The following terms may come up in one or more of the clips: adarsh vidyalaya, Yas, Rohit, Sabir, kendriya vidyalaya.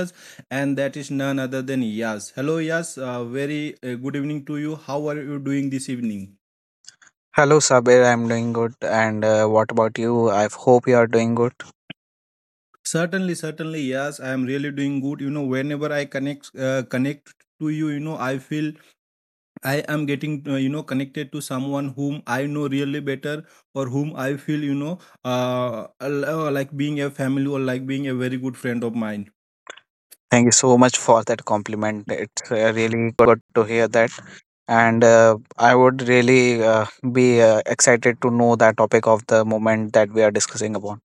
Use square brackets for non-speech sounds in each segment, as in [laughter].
us, and that is none other than Yas. Hello, Yas. Very good evening to you. How are you doing this evening? Hello, Sabir. I'm doing good. And what about you? I hope you are doing good. Certainly, certainly, yes. I am really doing good. You know, whenever I connect to you, you know, I feel I am getting, you know, connected to someone whom I know really better or whom I feel, like being a family or like being a very good friend of mine. Thank you so much for that compliment. It's really good to hear that. And I would really be excited to know the topic of the moment that we are discussing upon.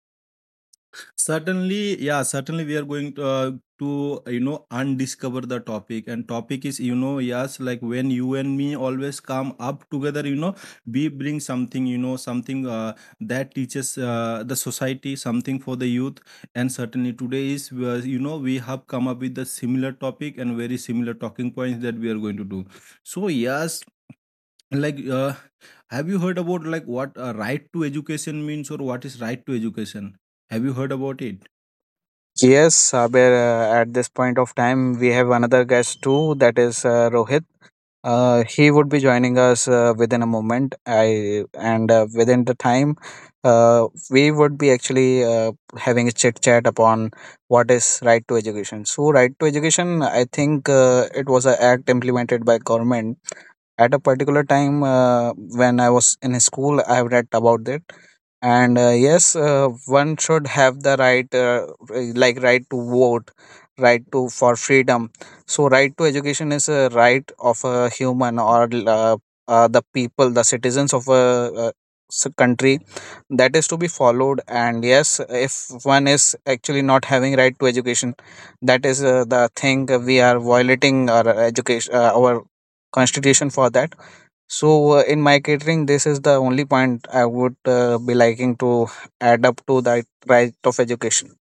Certainly, yeah, certainly we are going to, to undiscover the topic, and topic is, you know, yes, like when you and me always come up together, you know, we bring something, you know, something that teaches the society something for the youth. And certainly today is you know, we have come up with the similar topic and very similar talking points that we are going to do. So yes, like have you heard about like what right to education means, or what is right to education? Have you heard about it? Yes, Sabir, at this point of time, we have another guest too, that is Rohit. He would be joining us within a moment. I and within the time, we would be actually having a chit chat upon what is right to education. So, right to education, I think it was an act implemented by government at a particular time when I was in school. I have read about it and yes, one should have the right like right to vote, right to for freedom, so right to education is a right of a human or the people, the citizens of a uh, country, that is to be followed. And yes, if one is actually not having right to education, that is the thing, we are violating our education, our constitution for that. So in my catering, this is the only point I would be liking to add up to that right of education.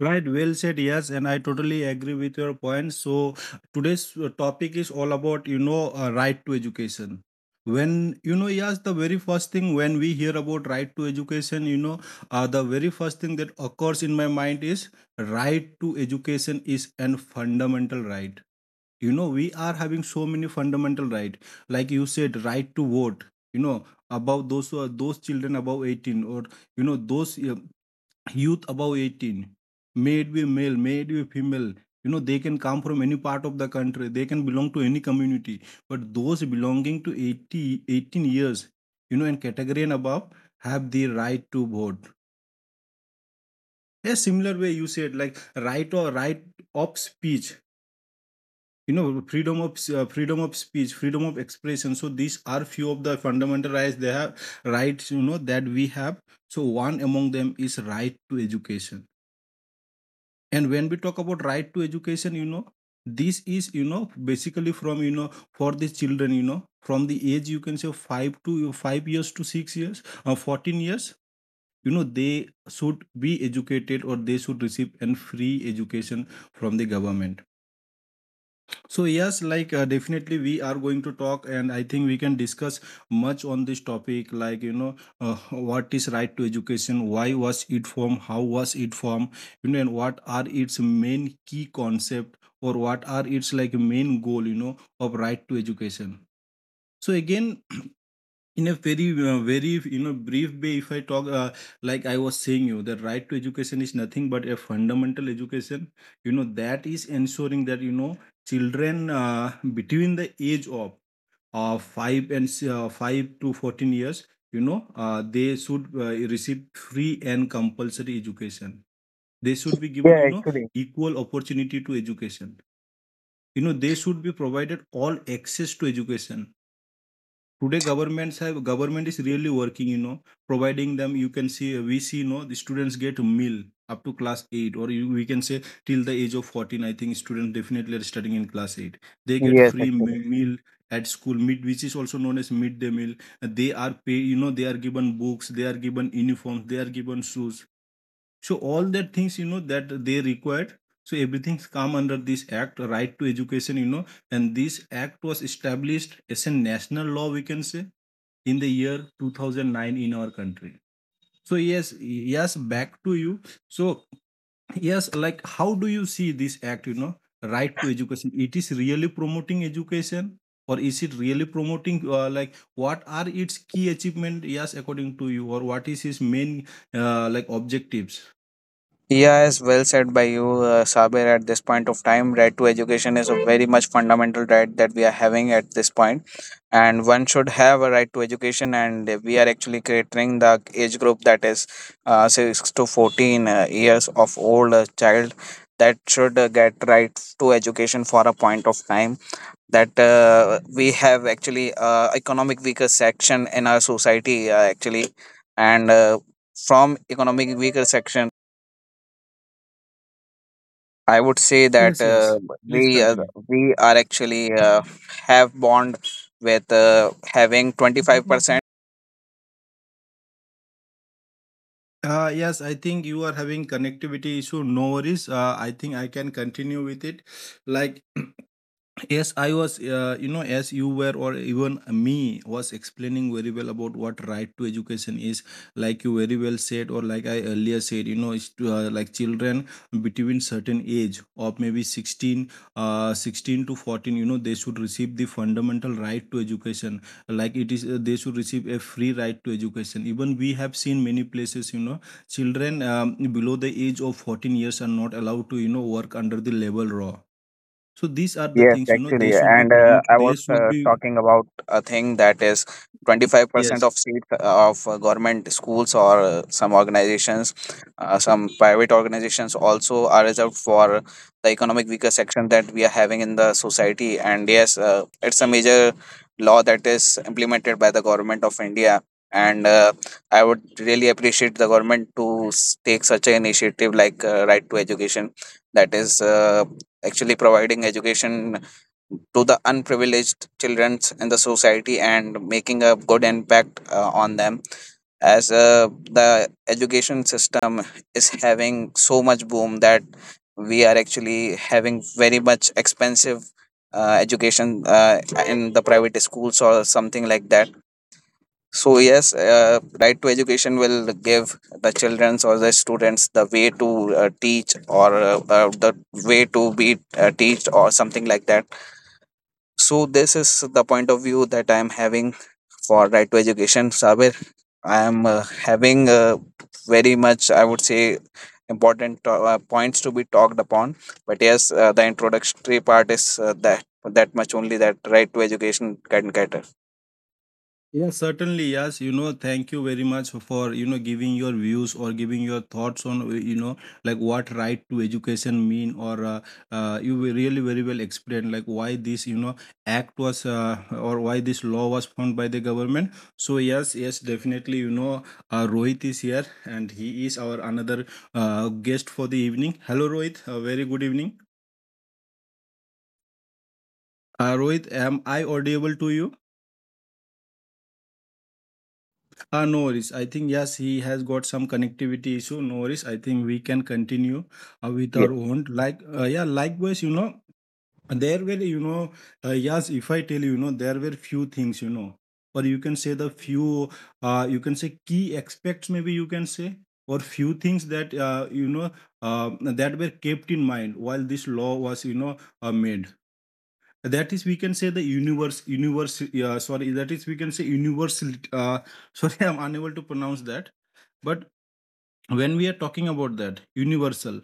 Right, well said. Yes, and I totally agree with your point. So today's topic is all about, you know, right to education. When, you know, yes, the very first thing when we hear about right to education, you know, the very first thing that occurs in my mind is right to education is an fundamental right. You know, we are having so many fundamental right, like you said, right to vote. You know, about those who are those children above 18, or you know those youth above 18, may it be male, may it be female, you know, they can come from any part of the country, they can belong to any community, but those belonging to 80 18 years, you know, and category and above, have the right to vote. A similar way, you said, like right or right of speech, you know, freedom of speech, freedom of expression. So these are few of the fundamental rights they have rights, you know, that we have. So one among them is right to education. And when we talk about right to education, you know, this is, you know, basically from, you know, for the children, you know, from the age, you can say, 5 to 5 years to 6 years or 14 years, you know, they should be educated, or they should receive an free education from the government. So yes, like definitely we are going to talk, and I think we can discuss much on this topic. Like you know, [laughs] what is right to education? Why was it formed? How was it formed? You know, and what are its main key concept, or what are its like main goal, you know, of right to education? So again, in a very you know brief way, if I talk, like I was saying you, the right to education is nothing but a fundamental education, you know, that is ensuring that, you know, children between the age of 5 to 14 years, you know, they should receive free and compulsory education. They should be given, Yeah, you know, actually. equal opportunity to education. You know, they should be provided all access to education. Today governments have government is really working, you know, providing them. You can see we see, you know, the students get meal up to class 8, or you, we can say till the age of 14, I think students definitely are studying in class 8, they get Yes, free actually. Meal at school mid, which is also known as midday meal. They are pay, you know, they are given books, they are given uniforms, they are given shoes. So all that things, you know, that they required, so everything's come under this act, right to education, you know. And this act was established as a national law, we can say, in the year 2009 in our country. So yes, yes, back to you. So yes, like how do you see this act, you know, right to education? It is really promoting education, or is it really promoting, like what are its key achievement, yes, according to you, or what is its main like objectives? Yes, well said by you, Sabir. At this point of time, right to education is a very much fundamental right that we are having at this point, and one should have a right to education. And we are actually catering the age group that is 6 to 14 years of old child that should get right to education. For a point of time that we have actually economic weaker section in our society, actually, and from economic weaker section, I would say that Yes, yes, please we uh, continue. we are actually have bond with having 25%. Yes, I think you are having connectivity issue. No worries. I think I can continue with it, like [clears throat] yes, I was, you know, as you were, or even me was explaining very well about what right to education is. Like you very well said, or like I earlier said, you know, it's to, like children between certain age of maybe 16 to 14, you know, they should receive the fundamental right to education. Like it is, they should receive a free right to education. Even we have seen many places, you know, children below the age of 14 years are not allowed to, you know, work under the labor law. So these are the Yes, things, you know, actually, they should be and promote. I They was should be, talking about a thing that is 25% yes. of seats of government schools or some organizations, some private organizations also are reserved for the economic weaker section that we are having in the society. And yes, it's a major law that is implemented by the government of India. And I would really appreciate the government to take such an initiative like Right to Education, that is actually providing education to the unprivileged children in the society and making a good impact on them, as the education system is having so much boom that we are actually having very much expensive education in the private schools or something like that. So yes, right to education will give the childrens or the students the way to teach, or the way to be teached or something like that. So this is the point of view that I am having for right to education. Sabir, I am having very much, I would say, important points to be talked upon. But yes, the introductory part is that much only that right to education can cater. Yeah, certainly, yes. You know, thank you very much for, you know, giving your views or giving your thoughts on you know, like what right to education mean, or you were really very well explained like why this, you know, act was, or why this law was formed by the government. So yes, yes, definitely, you know, Rohit is here and he is our another guest for the evening. Hello, Rohit. A very good evening. Rohit, am I audible to you? No worries. I think, yes, he has got some connectivity issue. No worries. I think we can continue with Yes, our own. Like, yeah, likewise, you know, there were, you know, yes, if I tell you, you know, there were few things, you know, or you can say the few, you can say key aspects, maybe you can say, or few things that, you know, that were kept in mind while this law was, you know, made. That is, we can say, the universe universe sorry that is we can say universal sorry [laughs] I'm unable to pronounce that. But when we are talking about that universal,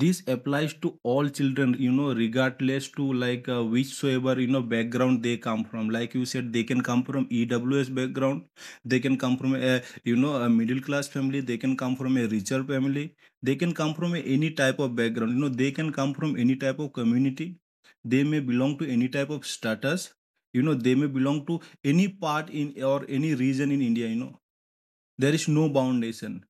this applies to all children, you know, regardless to like whichsoever, you know, background they come from. Like you said, they can come from EWS background, they can come from a, you know, a middle class family, they can come from a richer family, they can come from any type of background, you know, they can come from any type of community, they may belong to any type of status, you know, they may belong to any part in or any region in India. You know, there is no boundation,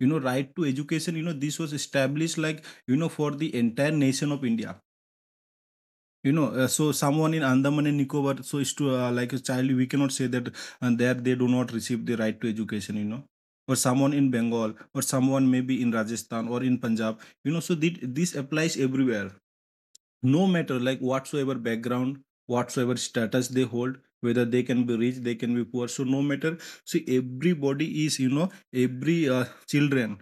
you know. Right to education, you know, this was established, like you know, for the entire nation of India, you know, so someone in Andaman and Nicobar, so is to, like a child, we cannot say that and there they do not receive the right to education, you know, or someone in Bengal, or someone maybe in Rajasthan, or in Punjab, you know. So this applies everywhere, no matter like whatsoever background, whatsoever status they hold, whether they can be rich, they can be poor. So no matter, see, everybody is, you know, every children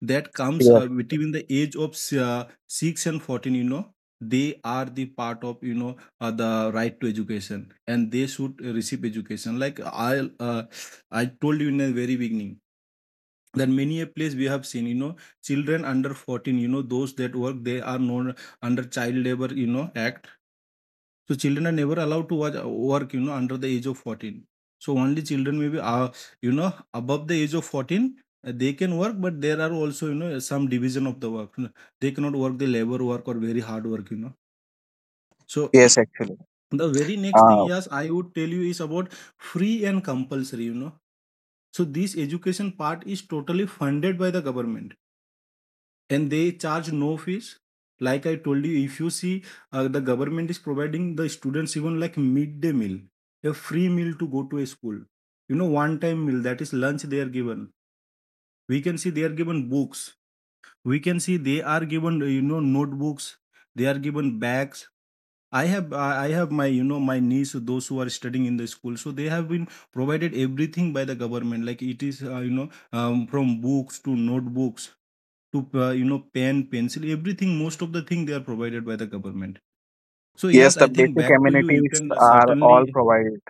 that comes yes, between the age of 6 and 14, you know, they are the part of, you know, the right to education and they should receive education. Like I, I told you in the very beginning that many a place we have seen, you know, children under 14, you know, those that work, they are known under child labor, you know, act. So children are never allowed to watch work, you know, under the age of 14. So only children may be, you know, above the age of 14, they can work, but there are also, you know, some division of the work, you know. They cannot work the labor work or very hard work, you know. So yes. Actually, [clears throat] the very next thing, uh, yes, I would tell you is about free and compulsory, you know. So this education part is totally funded by the government, and they charge no fees. Like I told you, if you see, the government is providing the students even, like, midday meal, a free meal to go to a school, you know, one time meal, that is lunch, they are given. We can see they are given books, we can see they are given notebooks, they are given bags. I have my, my niece, those who are studying in the school, so they have been provided everything by the government, like it is from books to notebooks to pen, pencil, everything. Most of the thing they are provided by the government. So yes, yes, the I think basic back to you. You amenities can are certainly. all provided.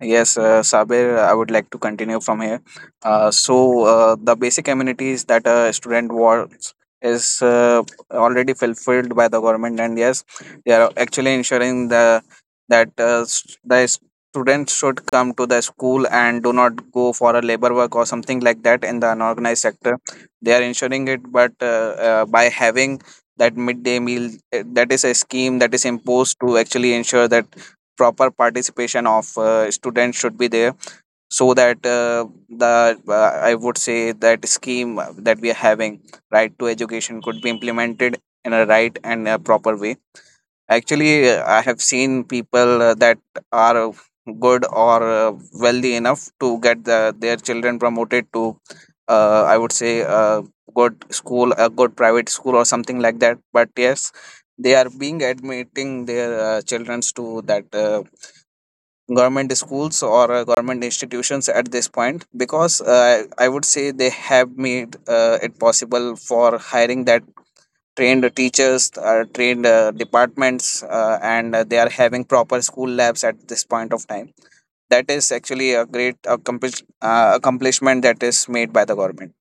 Yes, Sabir, I would like to continue from here. So the basic amenities that a student wants is already fulfilled by the government, and yes, they are actually ensuring the that the students should come to the school and do not go for a labor work or something like that in the unorganized sector. They are ensuring it, but by having that midday meal, that is a scheme that is imposed to actually ensure that proper participation of students should be there, so that the I would say that scheme that we are having, right to education, could be implemented in a right and a proper way. Actually, I have seen people that are good or wealthy enough to get the, their children promoted to I would say a good school, a good private school or something like that. But yes, they are being admitting their children to that government schools or government institutions at this point, because I would say they have made it possible for hiring that trained teachers, trained departments, and they are having proper school labs at this point of time, that is actually a great accomplishment that is made by the government.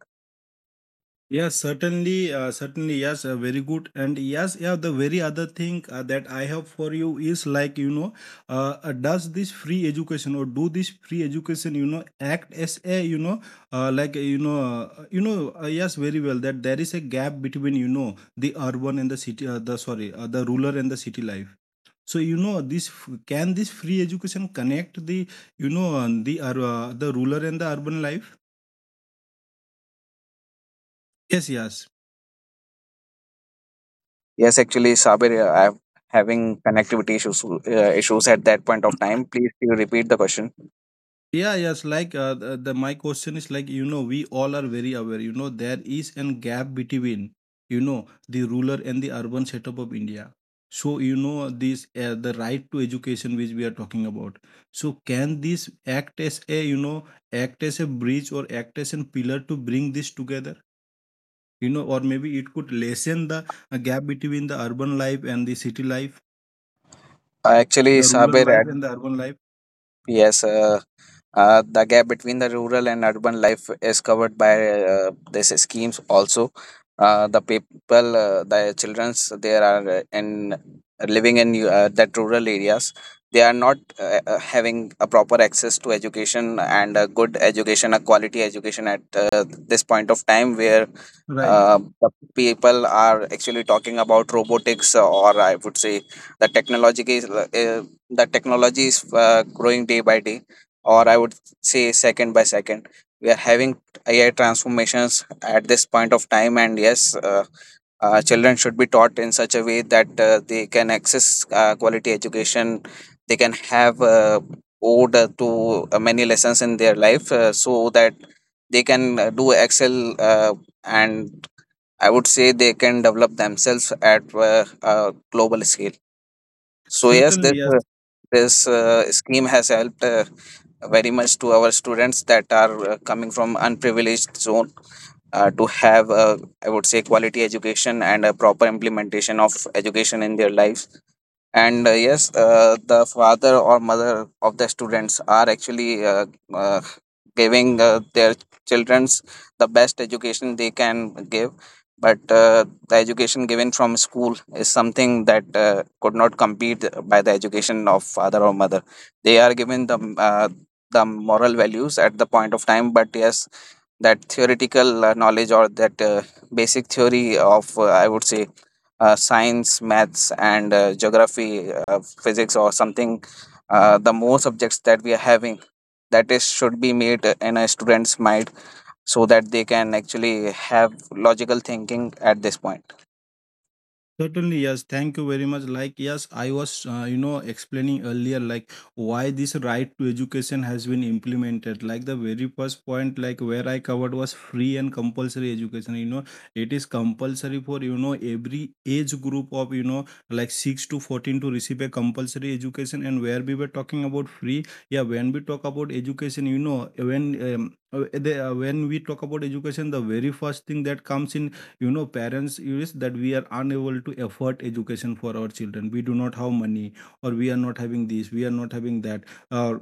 Yes, certainly, certainly, yes, very good. And yes, yeah, the very other thing that I have for you is, like, you know, does this free education, or do this free education, you know, act as a, you know, like, yes, very well, that there is a gap between, you know, the urban and the city, sorry, the rural and the city life. So, you know, can this free education connect the, you know, the rural and the urban life? Yes, yes. Yes, actually, Sabir, I am having connectivity issues at that point of time, please you repeat the question. Yeah, yes. Like, the my question is, like, you know, we all are very aware. You know, there is an gap between, you know, the rural and the urban setup of India. So, you know, this the right to education, which we are talking about. So can this act as a, you know, act as a bridge or act as a pillar to bring this together? You know, or maybe it could lessen the gap between the urban life and the city life, Actually the rural Sabir life at and the urban life. yes the gap between the rural and urban life is covered by these schemes also. The people, the childrens, there are in living in that rural areas. They are not having a proper access to education and a good education, a quality education at this point of time, where Right. The people are actually talking about robotics, or I would say the technology is uh, the technology is growing day by day, or I would say second by second. We are having AI transformations at this point of time, and yes, children should be taught in such a way that they can access quality education. They can have owed to many lessons in their life, so that they can do excel. And I would say they can develop themselves at a global scale. So yes, Certainly, this yes. uh, this uh, scheme has helped very much to our students that are coming from unprivileged zone to have, I would say, quality education and a proper implementation of education in their lives. And yes, the father or mother of the students are actually uh, giving their children's the best education they can give. But the education given from school is something that could not compete by the education of father or mother. They are given the moral values at the point of time, but yes, that theoretical knowledge or that basic theory of I would say science, maths, and geography, physics or something, the more subjects that we are having, that is should be made in a student's mind, so that they can actually have logical thinking at this point. Certainly, yes. Thank you very much. Like, yes, I was, you know, explaining earlier, like, why this right to education has been implemented. Like, the very first point, like, where I covered was free and compulsory education. You know, it is compulsory for, you know, every age group of, you know, like, 6 to 14 to receive a compulsory education. And where we were talking about free, yeah, when we talk about education, you know, when we talk about education, the very first thing that comes in, you know, parents, is that we are unable to afford education for our children, we do not have money, or we are not having this, we are not having that, or,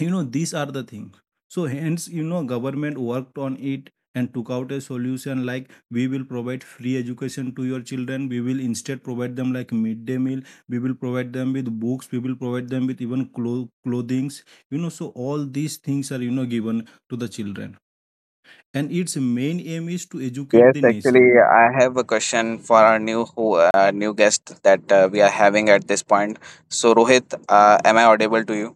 you know, these are the things. So hence, you know, government worked on it and took out a solution, like, we will provide free education to your children, we will instead provide them like midday meal, we will provide them with books, we will provide them with even clothings, you know. So all these things are, you know, given to the children, and its main aim is to educate Yes, the actually, nation. I have a question for our new guest that we are having at this point. So Rohit, am I audible to you?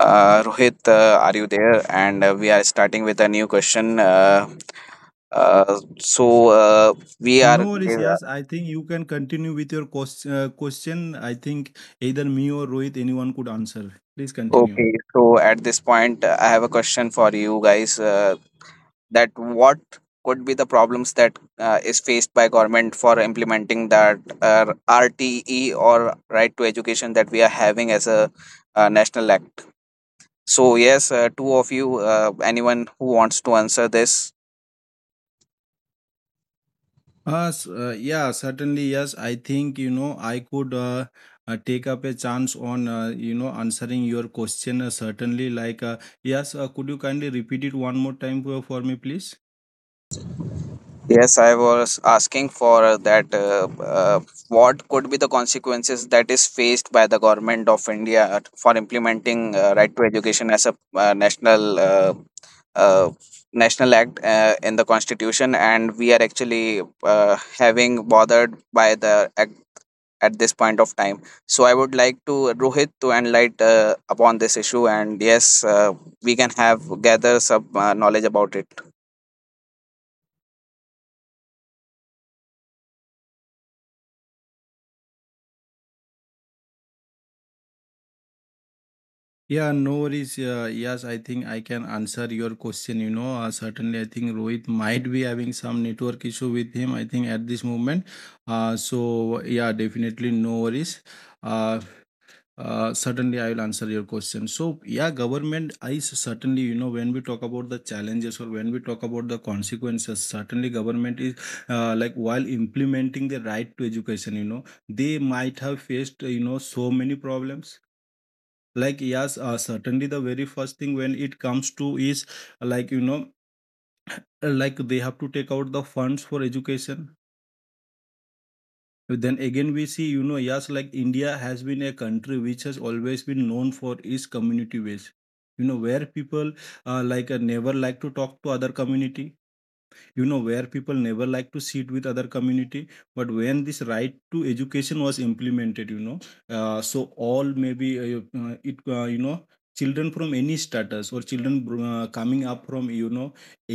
Rohit, are you there? And we are starting with a new question. Uh, so uh, we are No worries, give- yes. I think you can continue with your question. I think either me or Rohit, anyone could answer. Please continue. okay. So at this point, I have a question for you guys. That what could be the problems that is faced by government for implementing that RTE or right to education that we are having as a national act? So yes, two of you, anyone who wants to answer this. Yeah, certainly, yes. I think, you know, I could take up a chance on, you know, answering your question. Certainly, like, yes, could you kindly repeat it one more time for me, please? Yes, I was asking for that. What could be the consequences that is faced by the government of India for implementing right to education as a national uh, national act in the constitution, and we are actually having bothered by the act at this point of time. So I would like to Rohit to enlighten upon this issue, and yes, we can have gather some knowledge about it. Yeah, no worries. Yes, I think I can answer your question. You know, certainly, I think Rohit might be having some network issue with him, I think, at this moment. So yeah, definitely, no worries. Uh, Certainly, I will answer your question. So yeah, government is certainly, you know, when we talk about the challenges, or when we talk about the consequences, certainly government is like while implementing the right to education, you know, they might have faced you know, so many problems. Like, yes, certainly the very first thing when it comes to is like, you know, like they have to take out the funds for education. Then again, we see, you know, yes, like India has been a country which has always been known for its community based, you know, where people like never like to talk to other community, you know, where people never like to sit with other community. But when this right to education was implemented, you know, so all, maybe it you know, children from any status, or children coming up from, you know,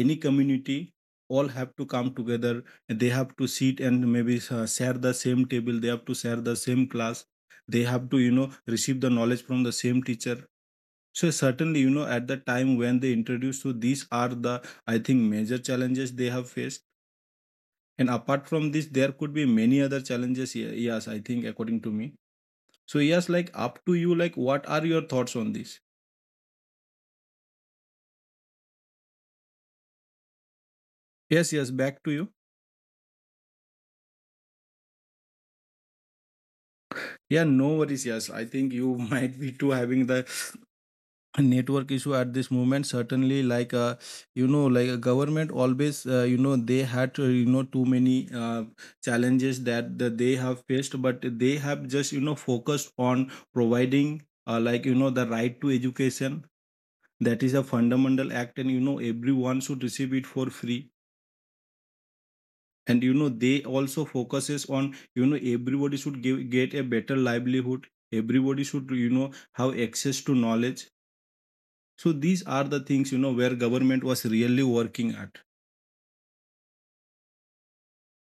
any community, all have to come together, and they have to sit, and maybe share the same table, they have to share the same class, they have to, you know, receive the knowledge from the same teacher. So certainly, you know, at the time when they introduced, so these are the, I think, major challenges they have faced. And apart from this, there could be many other challenges. Yes, I think, according to me. So yes, like, up to you. Like, what are your thoughts on this? Yes, yes. Back to you. Yeah, no worries. Yes, I think you [laughs] might be too having the network issue at this moment. Certainly, like, you know, like, a government always, you know, they had, you know, too many challenges that, that they have faced, but they have just, you know, focused on providing, like, you know, the right to education, that is a fundamental act, and you know, everyone should receive it for free, and you know, they also focuses on, you know, everybody should give, get a better livelihood, everybody should, you know, have access to knowledge. So these are the things, you know, where government was really working at.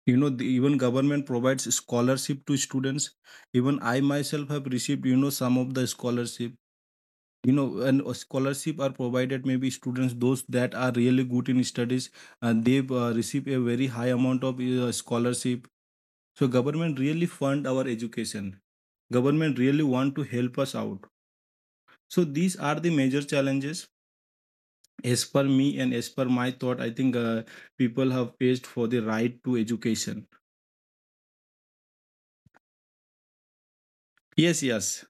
You know, the, even government provides scholarship to students. Even I myself have received, you know, some of the scholarship, you know, and a scholarship are provided, maybe students those that are really good in studies, and they receive a very high amount of scholarship. So government really fund our education, government really want to help us out. So these are the major challenges as per me, and as per my thought, I think people have paid for the right to education. Yes, yes.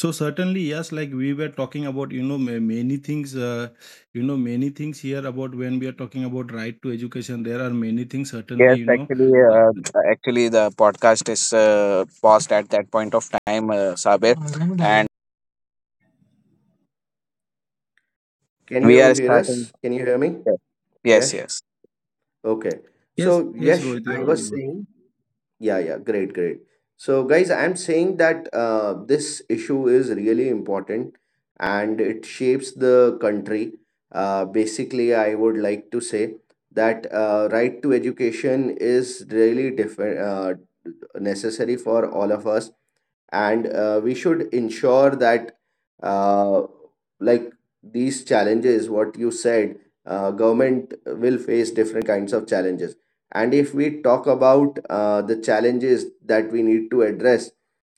So certainly, yes, like, we were talking about, you know, many things, you know, many things here. About when we are talking about right to education, there are many things. Certainly, Yes, you know, actually, uh, the podcast is paused at that point of time, Sabir, and Can we you are hear starting. us? Can you hear me? Yes, yes, Yes. yes, Okay. yes, So, yes, yes, Rohit, you're I was audible. saying, yeah, yeah, great, great. So, guys, I'm saying that this issue is really important and it shapes the country. Basically, I would like to say that right to education is really different, necessary for all of us, and we should ensure that uh, like these challenges what you said, government will face different kinds of challenges. And if we talk about the challenges that we need to address,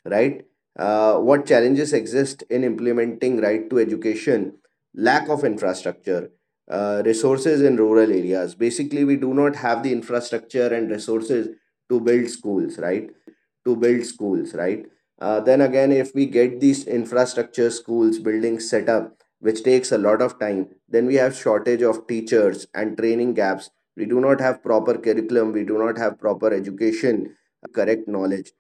right, what challenges exist in implementing right to education? Lack of infrastructure, resources in rural areas. Basically, we do not have the infrastructure and resources to build schools, right? Then again, if we get these infrastructure, schools, buildings set up, which takes a lot of time, then we have shortage of teachers and training gaps. We do not have proper curriculum. We do not have proper education, which can give correct knowledge.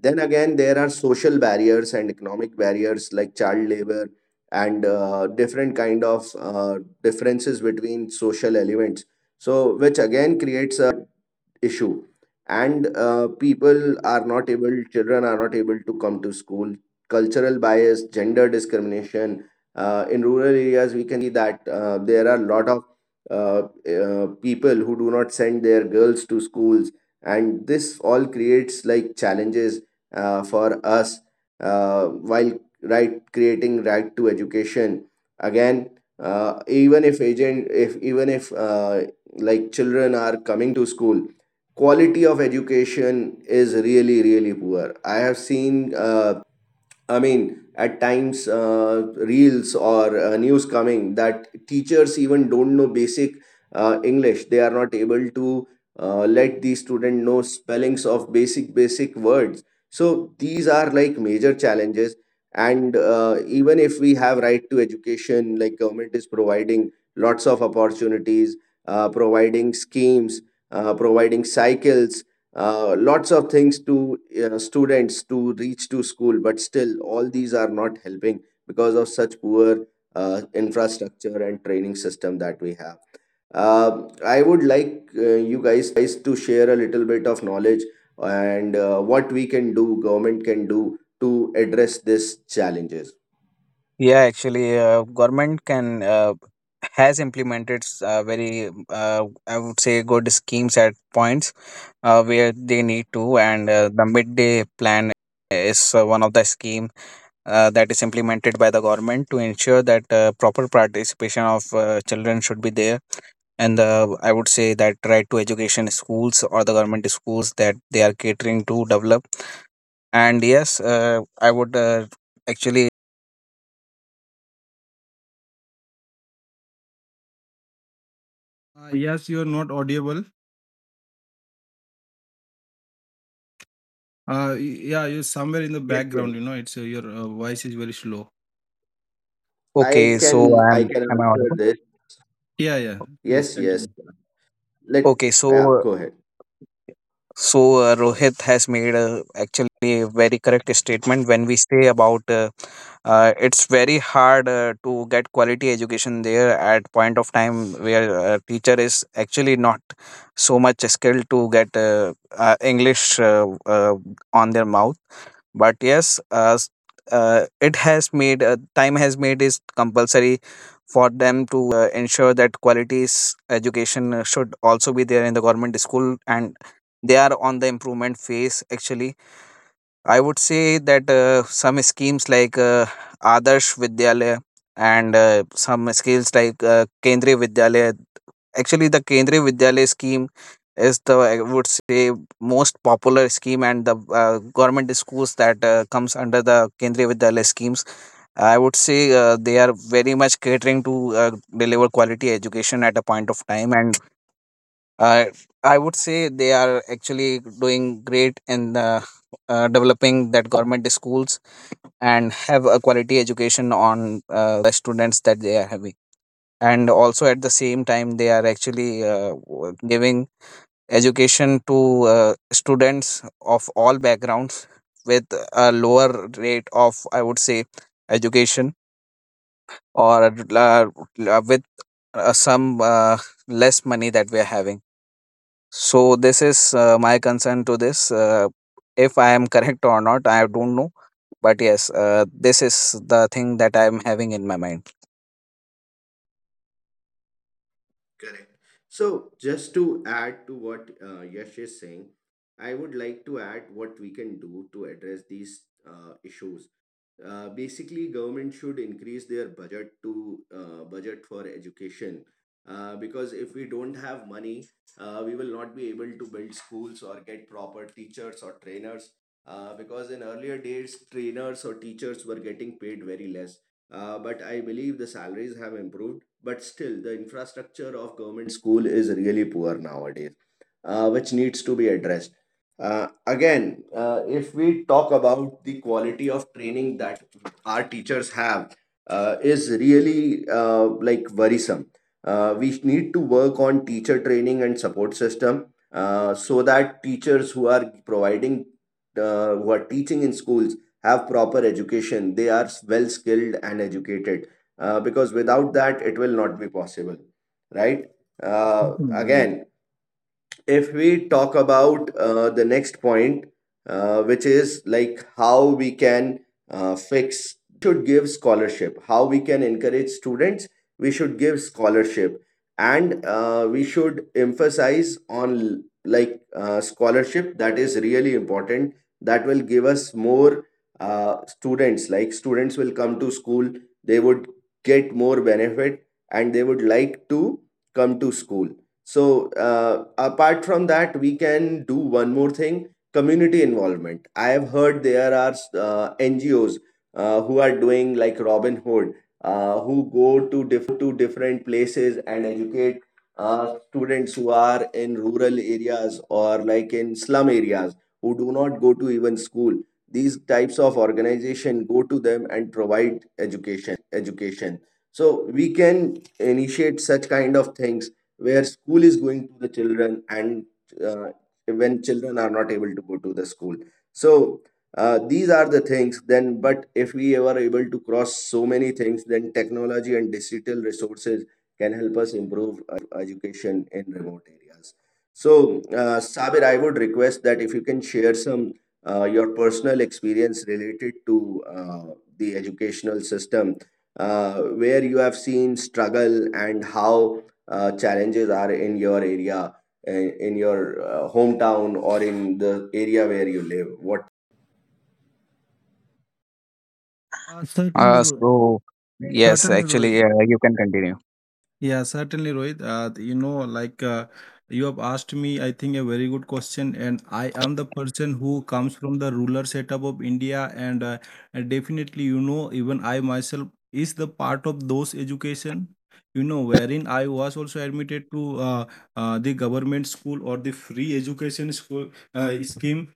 Then again, there are social barriers and economic barriers like child labor and different kind of differences between social elements. So, which again creates a issue, and people are not able, children are not able to come to school. Cultural bias, gender discrimination, in rural areas we can see that there are a lot of uh, people who do not send their girls to schools, and this all creates like challenges for us uh, while right creating right to education. Again, even if agent if even if like children are coming to school, quality of education is really, really poor. I have seen I mean, at times, reels or news coming that teachers even don't know basic English. They are not able to let the student know spellings of basic words. So these are like major challenges. And even if we have right to education, like government is providing lots of opportunities, providing schemes, providing cycles, lots of things to students to reach to school, but still all these are not helping because of such poor infrastructure and training system that we have. uh, I would like you guys to share a little bit of knowledge, and what we can do, government can do to address these challenges. yeah. Actually, government can has implemented very, I would say, good schemes at points where they need to, and the midday plan is one of the scheme that is implemented by the government to ensure that proper participation of children should be there, and I would say that right to education schools or the government schools that they are catering to develop. And yes, I would actually, Yes, you're not audible. Yeah, you're somewhere in the Yes, yes, background, you know. It's your voice is very slow. i okay, can so i I'm can am I answer audible? this. Yeah, yeah, please Yes, yes, continue. let, Okay, yeah, so go ahead. so uh, Rohit has made a, actually a very correct statement when we say about it's very hard to get quality education there at point of time where a teacher is actually not so much skilled to get English on their mouth. But yes, it has made time has made it compulsory for them to ensure that quality education should also be there in the government school, and they are on the improvement phase. Actually, I would say that some schemes like Adarsh Vidyalaya, and some schemes like Kendriya Vidyalaya. Actually, the Kendriya Vidyalaya scheme is the I would say most popular scheme, and the government schools that comes under the Kendriya Vidyalaya schemes, I would say they are very much catering to deliver quality education at a point of time, and uh, I would say they are actually doing great in the, developing that government schools and have a quality education on students that they are having, and also at the same time they are actually giving education to students of all backgrounds with a lower rate of, I would say, education, or with some less money that we are having. So this is my concern to this. If I am correct or not I don't know, but yes, this is the thing that I am having in my mind. Correct. So, just to add to what Yash is saying, I would like to add what we can do to address these issues. Basically, government should increase their budget to budget for education because if we don't have money, we will not be able to build schools or get proper teachers or trainers. Because in earlier days, trainers or teachers were getting paid very less, but I believe the salaries have improved. But still, the infrastructure of government school is really poor nowadays, which needs to be addressed. Again, if we talk about the quality of training that our teachers have, is really like worrisome. We need to work on teacher training and support system so that teachers who are providing, who are teaching in schools, have proper education, they are well skilled and educated, because without that it will not be possible, right? uh, Certainly, Rohit. Again, if we talk about the next point, which is like how we can fix these things, we should give scholarship. How we can encourage students, we should give scholarship, and we should emphasize on like scholarship, that is really important. That will give us more students. Like students will come to school, they would get more benefit, and they would like to come to school. So, apart from that, we can do one more thing, community involvement. I have heard there are NGOs who are doing like Robin Hood, who go to different places and educate students who are in rural areas or like in slum areas who do not go to even school. These types of organization go to them and provide education. So, we can initiate such kind of things where school is going to the children, and uh, when children are not able to go to the school. So these are the things. Then, but if we ever able to cross so many things, then technology and digital resources can help us improve education in remote areas. So Sabir, I would request that if you can share some your personal experience related to uh, the educational system where you have seen struggle and how challenges are in your area, in your hometown or in the area where you live. What? Certainly Rohit. So yes, Certainly actually, Rohit. You can continue. Yeah, certainly, Rohit. You know, like, you have asked me, I think, a very good question, and I am the person who comes from the rural setup of India, and definitely, you know, even I myself is the part of those education, you know, wherein I was also admitted to the government school, or the free education school, scheme.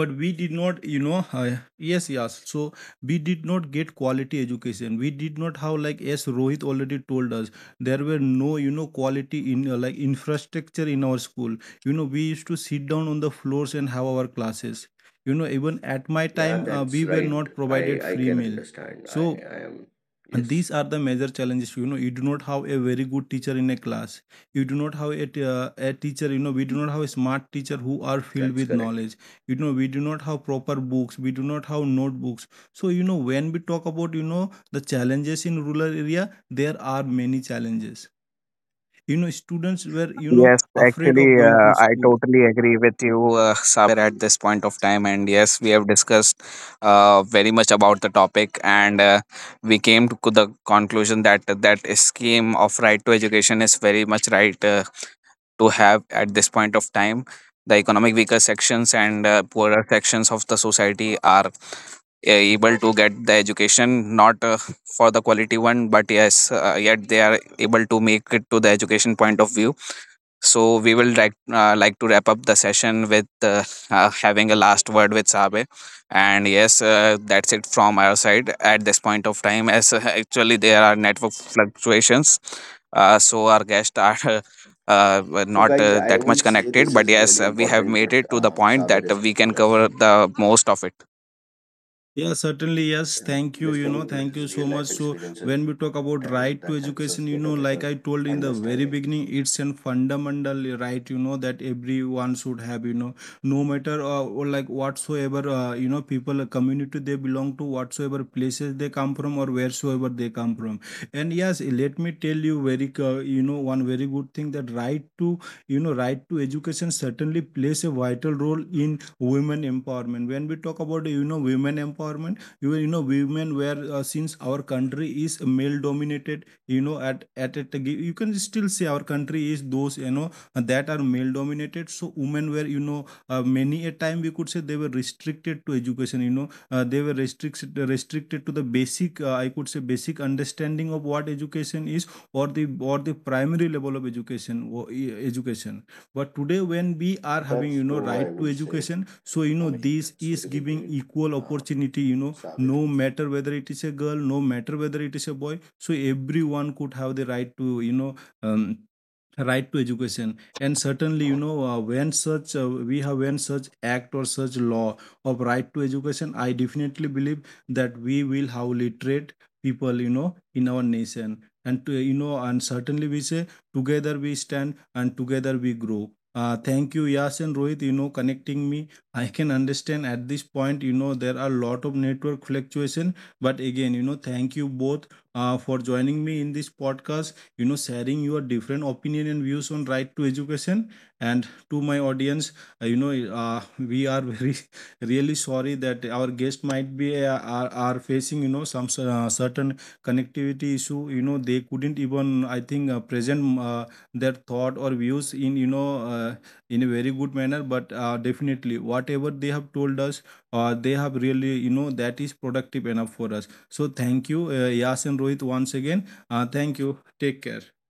But we did not, you know, yes, yes, so we did not get quality education, we did not have, like, as Rohit already told us, there were no, you know, quality in like infrastructure in our school, you know, we used to sit down on the floors and have our classes, you know. Even at my Yeah, time, that's we were right. not i provided i free can meal. understand. i So i am, and yes, these are the major challenges, you know. You do not have a very good teacher in a class, you do not have a, a teacher, you know, we do not have a smart teacher who are filled that's with correct. knowledge, you know, we do not have proper books, we do not have notebooks. So you know, when we talk about, you know, the challenges in rural area, there are many challenges, you know. Students were, you know, Yes, afraid of actually, going to I school. totally agree with you, Saber, at this point of time. And yes, we have discussed very much about the topic, and we came to the conclusion that that scheme of right to education is very much right to have at this point of time. The economic weaker sections and poorer sections of the society are able to get the education, not for the quality one, but yes, yet they are able to make it to the education point of view. So we will like to wrap up the session with having a last word with Sabe. And yes, that's it from our side at this point of time. As Actually, there are network fluctuations, so our guests are [laughs] were So, not guys, I that much would say connected, this but is yes, really we have important made what it to the point Sabir that is we telling can us. cover the most of it. Yeah, certainly. Yes. Yeah, Thank you. You listening know, to thank his you so real much. life So, experience is when we talk important, about and right to that helps us education, you get know, a better like I told in the very understanding. beginning, it's a fundamental right, you know, that everyone should have, you know, no matter or like, whatsoever, you know, people, community they belong to, whatsoever places they come from, or wheresoever they come from. And yes, let me tell you very, you know, one very good thing, that right to, you know, right to education certainly plays a vital role in women empowerment. When we talk about, you know, women empowerment, you know, women, where since our country is male dominated, you know, at it, you can still say our country is those, you know, that are male dominated. So women were, you know, many a time we could say they were restricted to education, you know, they were restricted to the basic, I could say basic understanding of what education is, or the primary level of education, education. But today, when we are having, That's you know, true, I right to would say. education, so you I know, mean, this that's is really giving great, equal uh, opportunity, you know, Sabir. no matter whether it is a girl, no matter whether it is a boy, so everyone could have the right to, you know, um, right to education. And certainly, you know, when such we have when such act or such law of right to education, I definitely believe that we will have literate people, you know, in our nation, and to, you know, and certainly we say together we stand and together we grow. Thank you, Yas and Rohit. You know, connecting me, I can understand at this point, you know, there are a lot of network fluctuation. But again, you know, thank you both, for joining me in this podcast, you know, sharing your different opinion and views on right to education. And to my audience, you know, uh, [laughs] we are very [laughs] really sorry that our guest might be, are facing, you know, some certain connectivity issue, you know, they couldn't even, I think, present their thought or views in, you know, uh, in a very good manner. But definitely, whatever they have told us, they have really, you know, that is productive enough for us. So thank you, Yas and Rohit, once again, thank you. Take care.